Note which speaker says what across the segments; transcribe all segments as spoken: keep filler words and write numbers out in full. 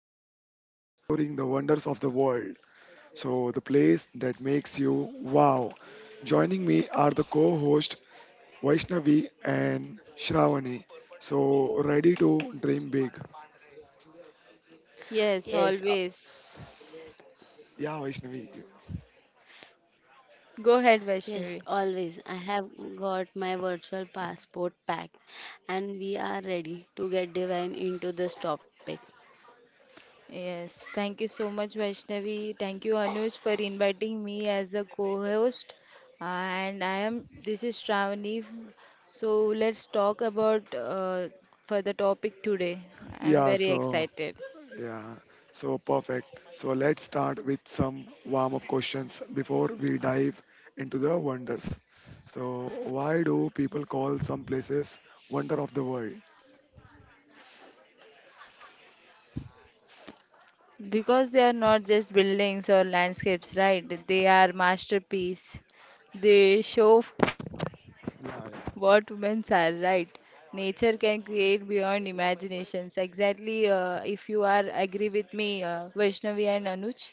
Speaker 1: Today we are exploring the wonders of the world. So, the place that makes you wow. Joining me are the co host Vaishnavi and Shravani. So, ready to dream big.
Speaker 2: Yes,
Speaker 3: Yes, a-
Speaker 2: always.
Speaker 1: Yeah, Vaishnavi.
Speaker 2: Go ahead,
Speaker 3: yes,
Speaker 2: Vaishnavi.
Speaker 3: always. I have got my virtual passport packed and we are ready to get divine into this topic.
Speaker 2: Yes, thank you so much, Vaishnavi. Thank you, Anuj, for inviting me as a co-host. And I am, this is Shravani. So let's talk about uh, for the topic today. I'm
Speaker 1: Yeah,
Speaker 2: very
Speaker 1: so,
Speaker 2: excited
Speaker 1: yeah, so perfect. So, let's start with some warm up questions before we dive into the wonders. So, why do people call some places wonder of the world?
Speaker 2: because they are not just buildings or landscapes, right? They are masterpiece. They show
Speaker 1: Yeah, yeah.
Speaker 2: what women are right. Nature can create beyond imaginations. Exactly, uh, if you are agree with me, uh, Vaishnavi and Anuj.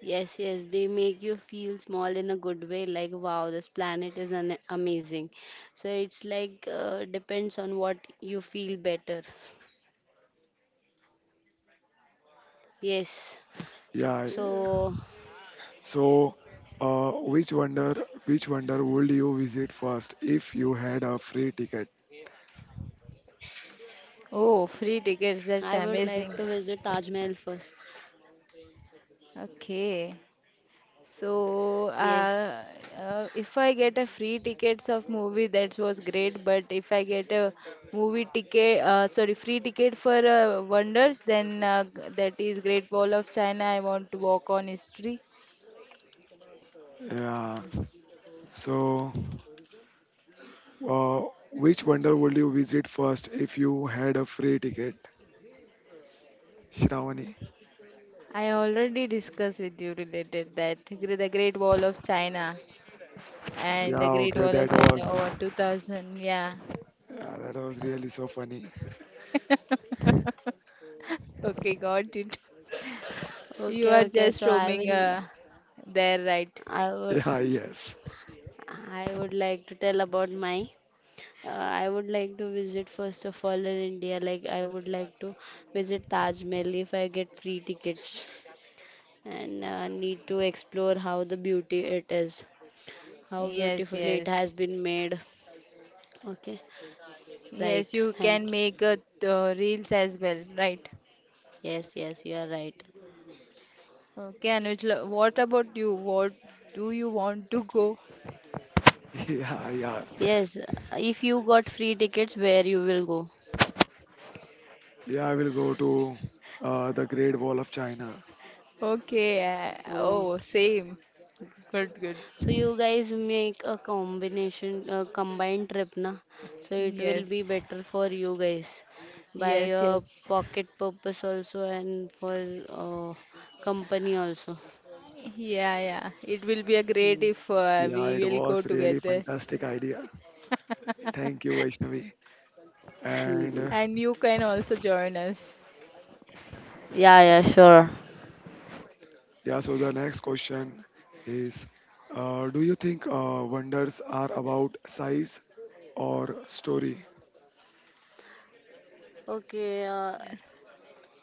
Speaker 3: Yes, yes, they make you feel small in a good way, like wow, this planet is an amazing. So it's like uh, depends on what you feel better. Yes,
Speaker 1: Yeah.
Speaker 3: so
Speaker 1: So, uh, which wonder, which wonder would you visit first if you had a free ticket?
Speaker 3: I would
Speaker 2: Oh,
Speaker 3: like to
Speaker 2: free
Speaker 3: visit
Speaker 2: tickets,
Speaker 3: Taj
Speaker 2: that's
Speaker 3: Mahal
Speaker 2: amazing.
Speaker 3: first.
Speaker 2: Okay.
Speaker 3: Yes.
Speaker 2: So, uh, uh, if I get a free tickets of movie, that was great. But if I get a movie ticket, uh, sorry, free ticket for uh, Wonders, then uh, g- that is Great Wall of China. I want to walk on history.
Speaker 1: Yeah. So, uh, which wonder would you visit first if you had a free ticket? Shravani.
Speaker 2: I already discussed with you related that gre- the Great Wall of China and
Speaker 1: Yeah.
Speaker 2: the Great
Speaker 1: Okay.
Speaker 2: Wall
Speaker 1: That
Speaker 2: of
Speaker 1: was.
Speaker 2: China
Speaker 1: re-
Speaker 2: over two thousand. Yeah.
Speaker 1: Yeah, that was really so funny.
Speaker 2: Okay, got it. You
Speaker 3: Okay,
Speaker 2: are
Speaker 3: okay.
Speaker 2: just
Speaker 3: So I
Speaker 2: roaming
Speaker 3: will,
Speaker 2: uh, there, right?
Speaker 3: I will.
Speaker 1: Yeah. Yes.
Speaker 3: I would like to tell about my. Uh, I would like to visit first of all in India. Like I would like to visit Taj Mahal if I get free tickets, and uh, need to explore how the beauty it is, how
Speaker 2: Yes,
Speaker 3: beautifully it has
Speaker 2: yes.
Speaker 3: been made. Okay,
Speaker 2: Yes,
Speaker 3: right.
Speaker 2: you
Speaker 3: Thank
Speaker 2: can
Speaker 3: you.
Speaker 2: make uh, uh, reels as well, right?
Speaker 3: Yes, yes, you are right.
Speaker 2: Okay, Anuj, lo- what about you? What do you want to go?
Speaker 1: Yeah. Yeah.
Speaker 3: Yes, if you got free tickets, where you will
Speaker 1: Yeah, I will go to uh, the Great Wall of China.
Speaker 2: Okay, uh,
Speaker 3: go?
Speaker 2: oh, same. Good, good.
Speaker 3: So you guys make a combination, a combined trip, na? So it will be
Speaker 2: Yes,
Speaker 3: better for you guys by
Speaker 2: yes,
Speaker 3: your
Speaker 2: yes.
Speaker 3: pocket purpose also and for uh, company also.
Speaker 2: Yeah, yeah. It will be a great
Speaker 3: Hmm.
Speaker 2: if uh, we
Speaker 1: Yeah. It
Speaker 2: will go
Speaker 1: was really
Speaker 2: together.
Speaker 1: fantastic idea. Thank you, Vaishnavi. And.
Speaker 3: Hmm.
Speaker 1: Uh,
Speaker 2: And you can also join us.
Speaker 3: Yeah, yeah, sure.
Speaker 1: Yeah, so the next question is, uh, do you think uh, wonders are about size or story?
Speaker 3: Okay. Uh,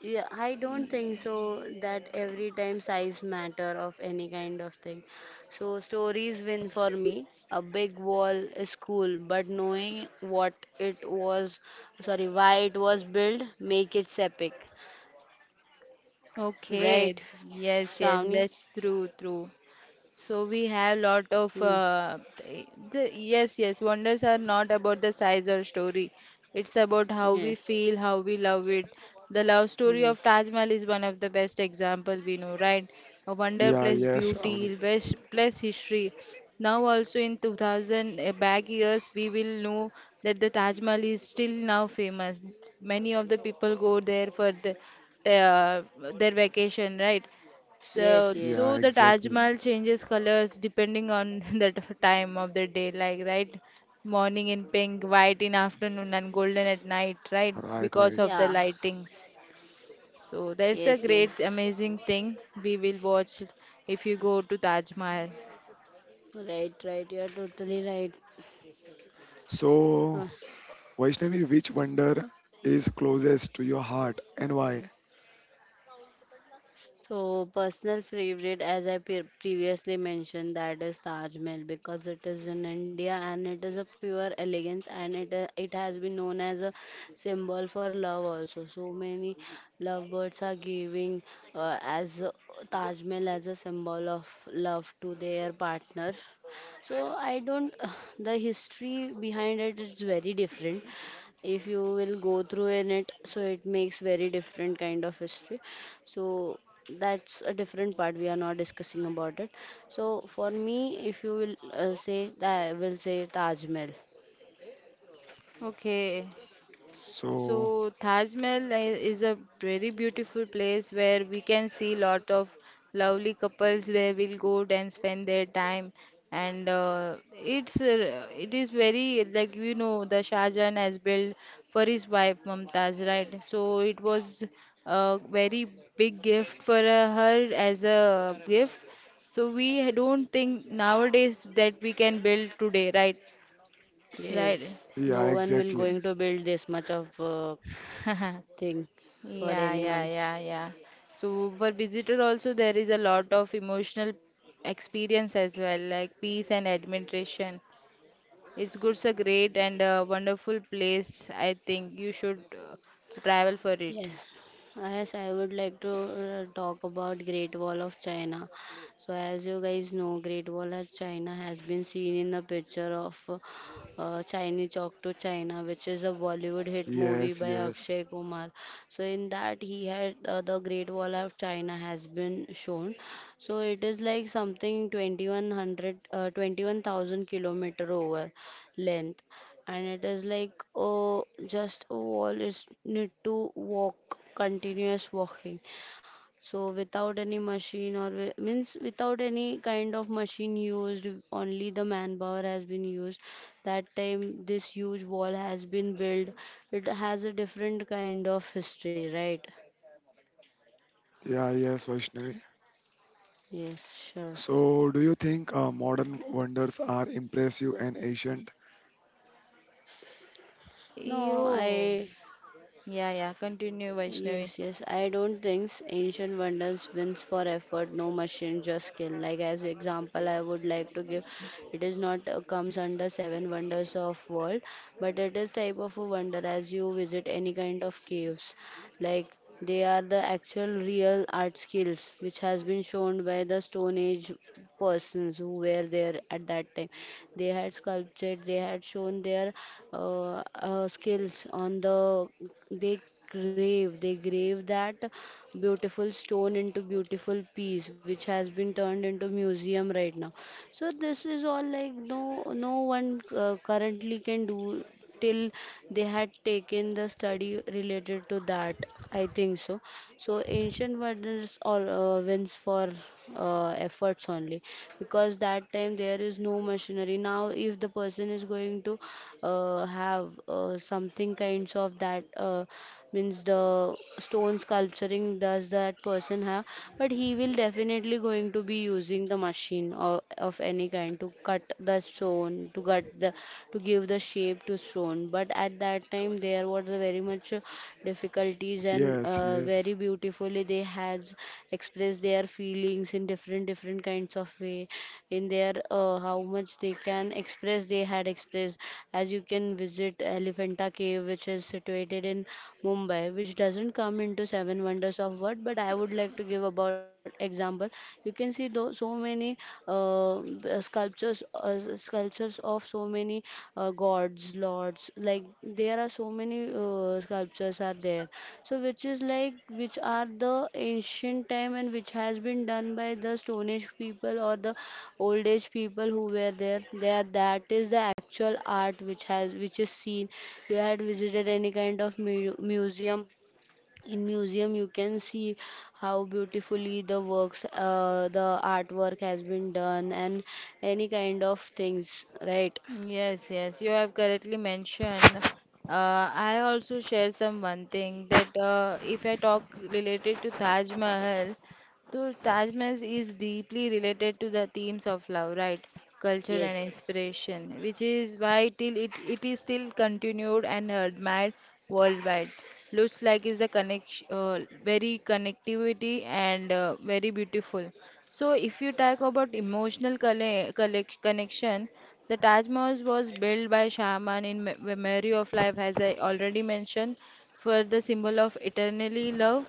Speaker 3: Yeah, I don't think so that every time size matter of any kind of thing. So stories win for me. A big wall is cool, but knowing what it was, sorry, why it was built, make it epic, right,
Speaker 2: Okay.
Speaker 3: Shravani?
Speaker 2: Yes, yes. That's true, true. So we have
Speaker 3: Hmm.
Speaker 2: lot of uh, th- the, yes, yes, wonders are not about the size or story. It's about how
Speaker 3: Yes.
Speaker 2: we feel, how we love it. The love story of
Speaker 3: Yes.
Speaker 2: Taj Mahal is one of the best example we know, right? A wonder
Speaker 1: Yeah,
Speaker 2: plus
Speaker 1: yes, Avani.
Speaker 2: beauty, plus, plus history. Now also in two thousand uh, back years, we will know that the Taj Mahal is still now famous. Many of the people go there for the, the, uh, their vacation, right? The
Speaker 3: Yes.
Speaker 1: Yeah,
Speaker 2: so
Speaker 3: Yes.
Speaker 2: the Taj
Speaker 1: exactly.
Speaker 2: Mahal changes colors depending on the t- time of the day, like right, morning in pink, white in afternoon, and golden at night, right?
Speaker 1: Right,
Speaker 2: Because
Speaker 1: right.
Speaker 2: of the
Speaker 3: Yeah.
Speaker 2: lightings. So that's a
Speaker 3: Yes.
Speaker 2: great,
Speaker 3: Yes.
Speaker 2: amazing thing we will watch if you go to Taj Mahal.
Speaker 3: Right. Right. You're totally right.
Speaker 1: So,
Speaker 3: Huh.
Speaker 1: Vaishnavi, which wonder is closest to your heart and why?
Speaker 3: So, personal favorite, as I pre- previously mentioned, that is Taj Mahal because it is in India and it is a pure elegance and it uh, it has been known as a symbol for love also. So many lovebirds are giving uh, as uh, Taj Mahal as a symbol of love to their partner. So I don't the history behind it is very different if you will go through in it, so it makes very different kind of history. So that's a different part we are not discussing about it. So for me, if you will uh, say that, I will say Taj Mahal.
Speaker 2: Okay. So
Speaker 1: So,
Speaker 2: Taj Mahal i- is a very beautiful place where we can see lot of lovely couples where will go and spend their time and uh, it's uh, it is very, like, you know, the Shah Jahan has built for his wife Mumtaz, right? So it was a very big gift for uh, her as a gift, so we don't think nowadays that we can build today, right?
Speaker 3: Yes.
Speaker 2: Right.
Speaker 3: No
Speaker 1: yeah,
Speaker 3: one will
Speaker 1: exactly.
Speaker 3: going to build this much of uh, thing for
Speaker 2: Yeah, yeah,
Speaker 3: anyone.
Speaker 2: yeah, yeah. So for visitor also there is a lot of emotional experience as well, like peace and admiration. It's good, it's a great and a wonderful place. I think you should uh, travel for it.
Speaker 3: Yes, yes, I would like to uh, talk about Great Wall of China. So, as you guys know, Great Wall of China has been seen in the picture of uh, uh, Chinese Chalk to China, which is a Bollywood hit movie
Speaker 1: Yes,
Speaker 3: by
Speaker 1: yes.
Speaker 3: Akshay Kumar. So, in that, he had uh, the Great Wall of China has been shown. So, it is like something twenty one hundred, uh, twenty-one thousand kilometer over length, and it is like oh just a wall is need to walk continuous walking, so without any machine or wi- means without any kind of machine used, only the manpower has been used that time. This huge wall has been built. It has a different kind of history, right?
Speaker 1: Yeah, yes, Vaishnavi.
Speaker 3: Yes, sure.
Speaker 1: So, do you think uh, modern wonders are impressive and ancient?
Speaker 3: no
Speaker 2: Yo,
Speaker 3: i
Speaker 2: yeah, yeah. Continue, Vaishnavi.
Speaker 3: Yes, yes. I don't think ancient wonders wins for effort, no machine, just skill. Like as example, I would like to give, it is not uh, comes under seven wonders of world, but it is type of a wonder as you visit any kind of caves, like they are the actual real art skills which has been shown by the stone age persons who were there at that time. They had sculptured, they had shown their uh, uh, skills on the, they grave they grave that beautiful stone into beautiful piece which has been turned into museum right now. So this is all like no no one uh, currently can do till they had taken the study related to that. I think so. So ancient wonders or uh, wins for uh, efforts only, because that time there is no machinery. Now, if the person is going to uh, have uh, something kinds of that. Uh, means the stone sculpturing does that person have, but he will definitely going to be using the machine or of any kind to cut the stone, to cut the, to give the shape to stone. But at that time there was a very much uh, difficulties, and
Speaker 1: Yes,
Speaker 3: uh, very
Speaker 1: yes.
Speaker 3: beautifully they has expressed their feelings in different different kinds of way in their uh, how much they can express, they had expressed, as you can visit Elephanta Cave, which is situated in Mumbai, which doesn't come into seven wonders of world. But I would like to give about example. You can see tho- so many uh, b- uh, sculptures, uh, s- sculptures of so many uh, gods, lords. Like there are so many uh, sculptures are there. So which is like which are the ancient time and which has been done by the Stone Age people or the old age people who were there, there that is the actual art which has, which is seen. You had visited any kind of mu- museum. In museum you can see how beautifully the works, uh, the artwork has been done, and any kind of things, right?
Speaker 2: Yes, yes, you have correctly mentioned. Uh, I also share some one thing that uh, if I talk related to Taj Mahal, so Tajmas is deeply related to the themes of love, right? Culture and
Speaker 3: Yes,
Speaker 2: inspiration, which is why till it, it is still continued and admired worldwide. Looks like is a connection, uh, very connectivity and uh, very beautiful. So if you talk about emotional colle collec- connection, the Taj Mahal was built by Shaman in me- memory of life, as I already mentioned, for the symbol of eternally love,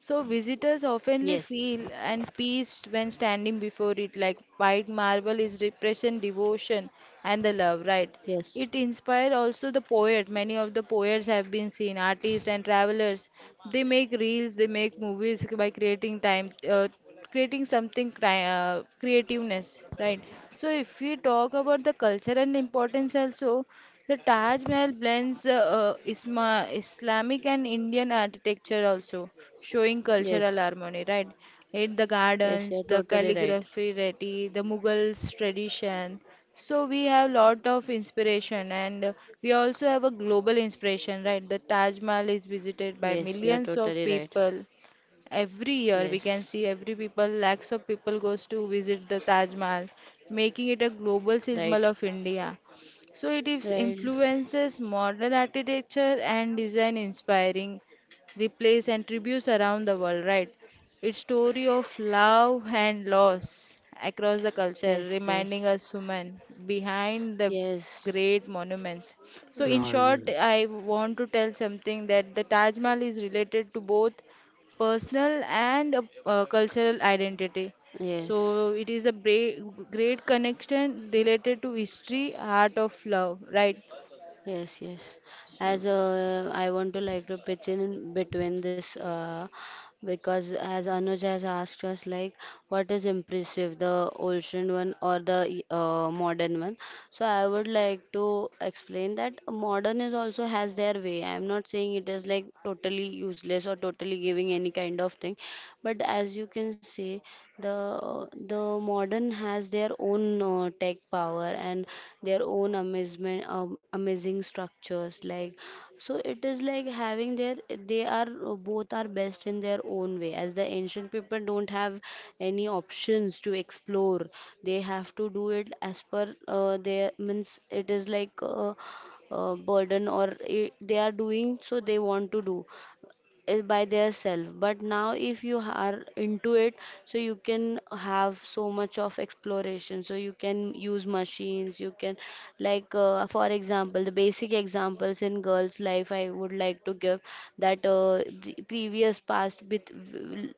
Speaker 2: so visitors
Speaker 3: yes.
Speaker 2: oftenly feel and peace when standing before it, like white marble is represent devotion and the love, right?
Speaker 3: Yes,
Speaker 2: It inspired also the poet. Many of the poets have been seen, artists and travelers. They make reels, they make movies by creating time uh, creating something cri- uh, creativeness, right? So if we talk about the culture and importance also, the Taj Mahal blends uh, uh, Isma- Islamic and Indian architecture also, showing cultural
Speaker 3: yes.
Speaker 2: harmony, right? In the
Speaker 3: Yes, you're
Speaker 2: gardens, the
Speaker 3: totally right.
Speaker 2: calligraphy ready the Mughals tradition, so we have lot of inspiration and uh, we also have a global inspiration, right? The Taj Mahal is
Speaker 3: Yes,
Speaker 2: visited
Speaker 3: you're
Speaker 2: by
Speaker 3: totally
Speaker 2: millions
Speaker 3: right.
Speaker 2: of people every year.
Speaker 3: Yes.
Speaker 2: We can see every people, lakhs of people goes to visit the Taj Mahal, making it a global
Speaker 3: Right.
Speaker 2: symbol of India. So it is
Speaker 3: Right.
Speaker 2: influences modern architecture and design, inspiring replace and tributes around the world, right? Its story of love and loss across the culture
Speaker 3: Yes, yes.
Speaker 2: reminding us human behind the
Speaker 3: Yes,
Speaker 2: great monuments. So in
Speaker 1: Yeah,
Speaker 2: short,
Speaker 1: yes.
Speaker 2: I want to tell something that the Taj Mahal is related to both personal and uh, uh, cultural identity.
Speaker 3: yes.
Speaker 2: So it is a bra- great connection related to history, heart of love, right?
Speaker 3: Yes, yes. As
Speaker 2: So,
Speaker 3: uh, I want to like to pitch in in between this uh, because as Anuj has asked us like what is impressive, the ancient one or the uh, modern one. So I would like to explain that modern is also has their way. I am not saying it is like totally useless or totally giving any kind of thing, but as you can see. The the modern has their own uh, tech power and their own amazement, um, amazing structures. Like so, it is like having their, they are uh, both are best in their own way. As the ancient people don't have any options to explore, they have to do it as per uh, their means. It is like. Uh, uh, burden or I they are doing so they want to do is by their self, but now if you are into it, so you can have so much of exploration, so you can use machines. You can like uh, for example the basic examples in girls life I would like to give that uh, the previous past with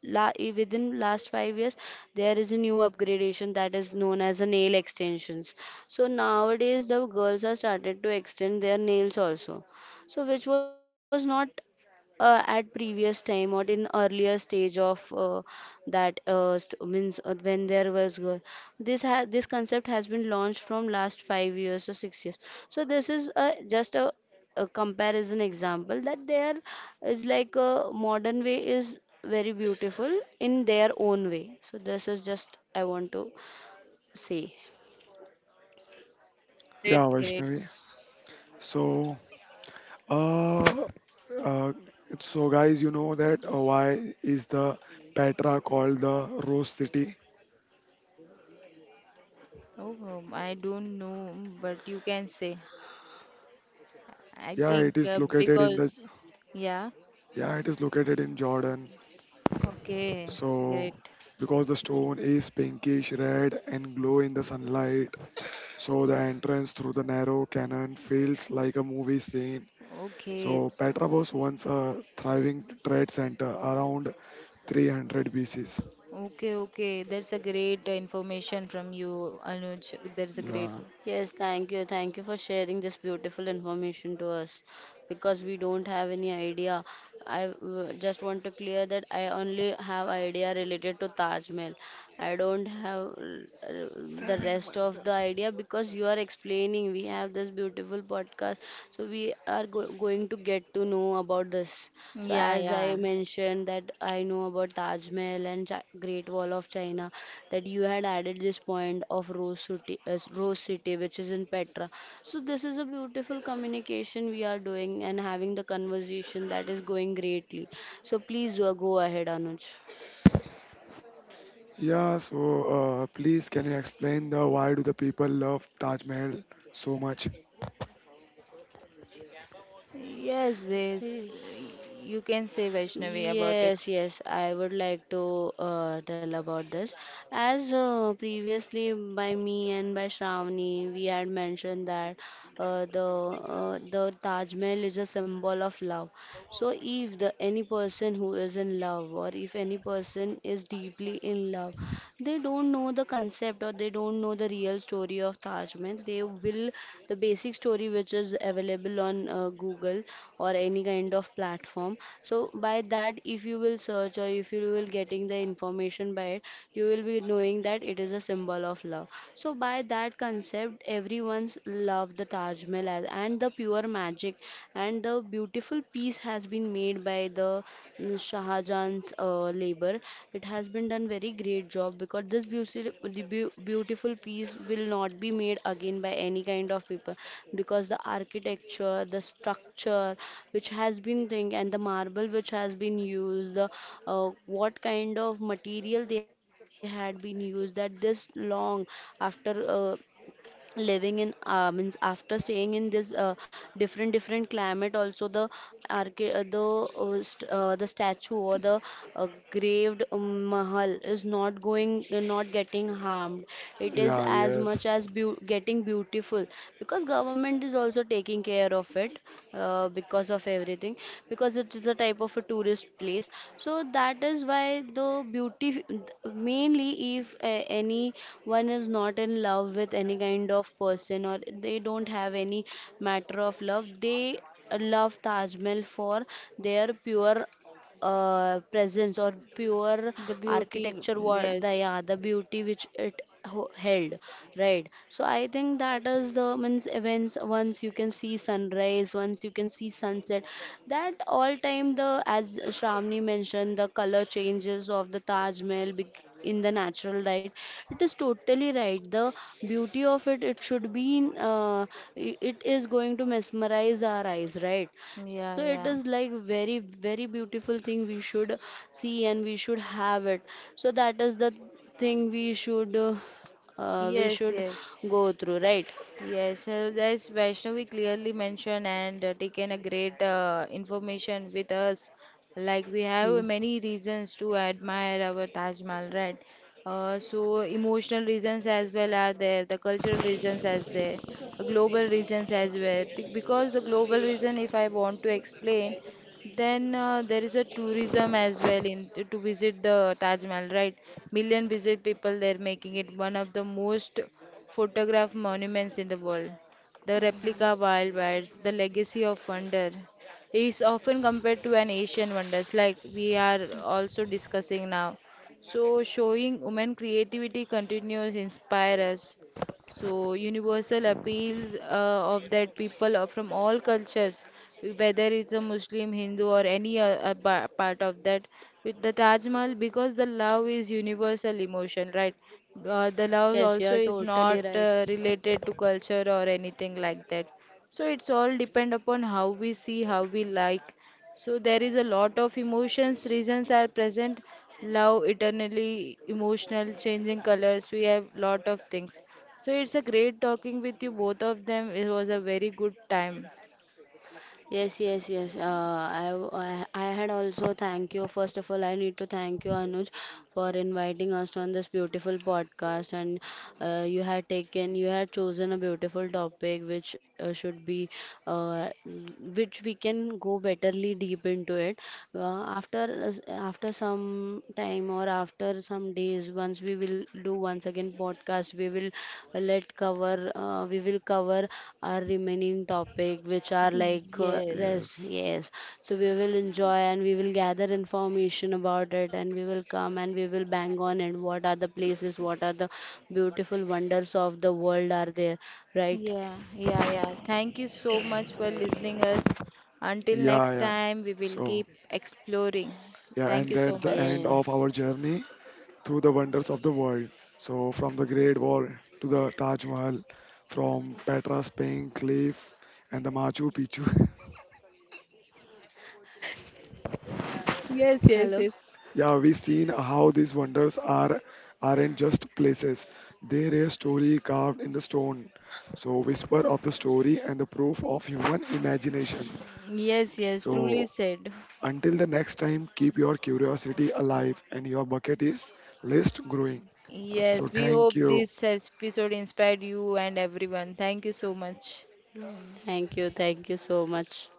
Speaker 3: la, within last five years there is a new upgradation that is known as a nail extensions. So nowadays the girls are started to extend their nails also, so which was not uh, at previous time or in earlier stage of uh, that uh, st- means uh, when there was girl, this ha- this concept has been launched from last five years or six years. So this is a, just a, a comparison example that there is like a modern way is very beautiful in their own way. So this is just I want to say.
Speaker 1: Yeah,
Speaker 2: great, great.
Speaker 1: Vaishnavi. So, uh, uh, so guys, you know that uh, why is the Petra called the Rose City?
Speaker 2: Oh, um, I don't know, but you can say. I
Speaker 1: Yeah,
Speaker 2: think
Speaker 1: it is
Speaker 2: uh,
Speaker 1: located in the
Speaker 2: because, yeah,
Speaker 1: yeah, it is located in Jordan.
Speaker 2: okay,
Speaker 1: So,
Speaker 2: great.
Speaker 1: because the stone is pinkish red and glow in the sunlight, so the entrance through the narrow canyon feels like a movie scene.
Speaker 2: Okay,
Speaker 1: So, Petra was once a thriving trade center around three hundred B Cs.
Speaker 2: okay, okay. That's a great uh, information from you, Anuj. That's a great.
Speaker 1: Yeah.
Speaker 3: Yes, thank you. Thank you for sharing this beautiful information to us because we don't have any idea. I w- just want to clear that I only have idea related to Taj Mahal. I don't have uh, the rest of the idea because you are explaining. We have this beautiful podcast, so we are go going to get to know about this. So
Speaker 2: Yeah,
Speaker 3: as I
Speaker 2: yeah.
Speaker 3: mentioned that I know about Taj Mahal and Chi Great Wall of China, that you had added this point of Rose City, uh, Rose City, which is in Petra. So this is a beautiful communication we are doing and having the conversation that is going greatly. So please uh, go ahead, Anuj.
Speaker 1: Yeah, so uh, please can you explain the why do the people love Taj Mahal so much?
Speaker 2: Yes, this you can say Vaishnavi about
Speaker 3: Yes,
Speaker 2: it.
Speaker 3: yes, I would like to uh, tell about this. As uh, Previously by me and by Shravani, we had mentioned that uh, the uh, the Taj Mahal is a symbol of love. So if the any person who is in love, or if any person is deeply in love, they don't know the concept or they don't know the real story of Taj Mahal. They will the basic story which is available on uh, Google or any kind of platform. So by that, if you will search or if you will getting the information by it, you will be knowing that it is a symbol of love. So by that concept, everyone's love the Taj Mahal as, and the pure magic and the beautiful beautiful piece has been made by the mm, Shah Jahan's uh, labor. It has been done very great job, because this beautiful, the beau- beautiful piece will not be made again by any kind of people, because the architecture, the structure which has been thing, and the marble which has been used, the, uh, what kind of material they had been used, that this long after uh, living in uh, means after staying in this uh, different different climate also, the archi- uh, the uh, st- uh, the statue or the uh, graved um, mahal is not going, not getting harmed. It is
Speaker 1: Yeah,
Speaker 3: as much
Speaker 1: yes,
Speaker 3: as beau- getting beautiful, because government is also taking care of of it, uh, because of everything, because it is a type of a tourist place. So that is why the beauty, mainly if uh, anyone is not in love with any kind of person or they don't have any matter of love, they love Taj Mahal for their pure uh, presence or pure
Speaker 2: The beauty,
Speaker 3: architecture, what the, yeah,
Speaker 2: yes,
Speaker 3: the beauty which it ho- held, right? So I think that is the means events, once you can see sunrise, once you can see sunset, that all time the, as Shramni mentioned, the color changes of the taj smell bec- in the natural light. It is totally right. The beauty of it, it should be in, uh, i- it is going to mesmerize our eyes, right? So
Speaker 2: yeah,
Speaker 3: it is
Speaker 2: yeah,
Speaker 3: like very, very beautiful thing we should see and we should have it. So that is the thing we should, uh, uh, we
Speaker 2: yes,
Speaker 3: should go
Speaker 2: yes.
Speaker 3: through, right?
Speaker 2: Yes, uh, as Vaishnavi clearly mentioned and uh, taken a great uh, information with us. Like we have
Speaker 3: Hmm.
Speaker 2: many reasons to admire our Taj Mahal, right? Uh, so emotional reasons as well are there, the cultural reasons as there, the global reasons as well. Th- Because the global reason, if I want to explain, then uh, there is a tourism as well in to visit the Taj Mahal, right? Million visit people, they're making it one of the most photograph monuments in the world, the replica wild bites, the legacy of wonder. It's often compared to an Asian wonders like we are also discussing now. So showing women creativity continues inspire us, so universal appeals uh, of that people are from all cultures, whether it's a Muslim, Hindu, or any uh, uh, pa- part of that, with the Taj Mahal, because the love is universal emotion, right? Uh, the love
Speaker 3: Yes, you
Speaker 2: also
Speaker 3: are
Speaker 2: is not
Speaker 3: totally right.
Speaker 2: uh, related to culture or anything like that. So it's all depend upon how we see, how we like, so there is a lot of emotions, reasons are present. Love, eternally emotional, changing colors. We have lot of things. So it's a great talking with you both of them. It was a very good time.
Speaker 3: Yes, yes, yes. Uh, I, w- I, I had also thank you. First of all, I need to thank you, Anuj, for inviting us on this beautiful podcast. And uh, you had taken, you had chosen a beautiful topic which uh, should be, uh, which we can go betterly deep into it. Uh, after, us- after some time or after after some days, once we will do once again podcast, we will uh, let cover, uh, we will cover our remaining topic, which are like uh, rest.
Speaker 1: yes.
Speaker 2: Yes.
Speaker 3: Yes, so we will enjoy and we will gather information about it, and we will come and we will bang on it. What are the places? What are the beautiful wonders of the world are there? Right?
Speaker 2: Yeah, yeah, yeah. Thank you so much for listening us. Until
Speaker 1: Yeah,
Speaker 2: next
Speaker 1: yeah.
Speaker 2: time, we will
Speaker 1: So,
Speaker 2: keep exploring.
Speaker 1: yeah,
Speaker 2: Thank
Speaker 1: and
Speaker 2: you so
Speaker 1: that's the
Speaker 2: much.
Speaker 1: end
Speaker 3: Yeah.
Speaker 1: of our journey through the wonders of the world. So, from the Great Wall to the Taj Mahal, from Petra's Pink Cliff and the Machu Picchu.
Speaker 2: Yes, yes,
Speaker 3: Hello.
Speaker 2: yes.
Speaker 1: Yeah, we've seen how these wonders are aren't just places. They're a story carved in the stone. So whisper of the story and the proof of human imagination.
Speaker 2: Yes, yes, truly
Speaker 1: So
Speaker 2: said.
Speaker 1: until the next time, keep your curiosity alive and your bucket is list growing. So
Speaker 2: Yes, we
Speaker 1: thank
Speaker 2: hope
Speaker 1: you.
Speaker 2: this episode inspired you and everyone. Thank you so much.
Speaker 3: Thank you. Thank you so much.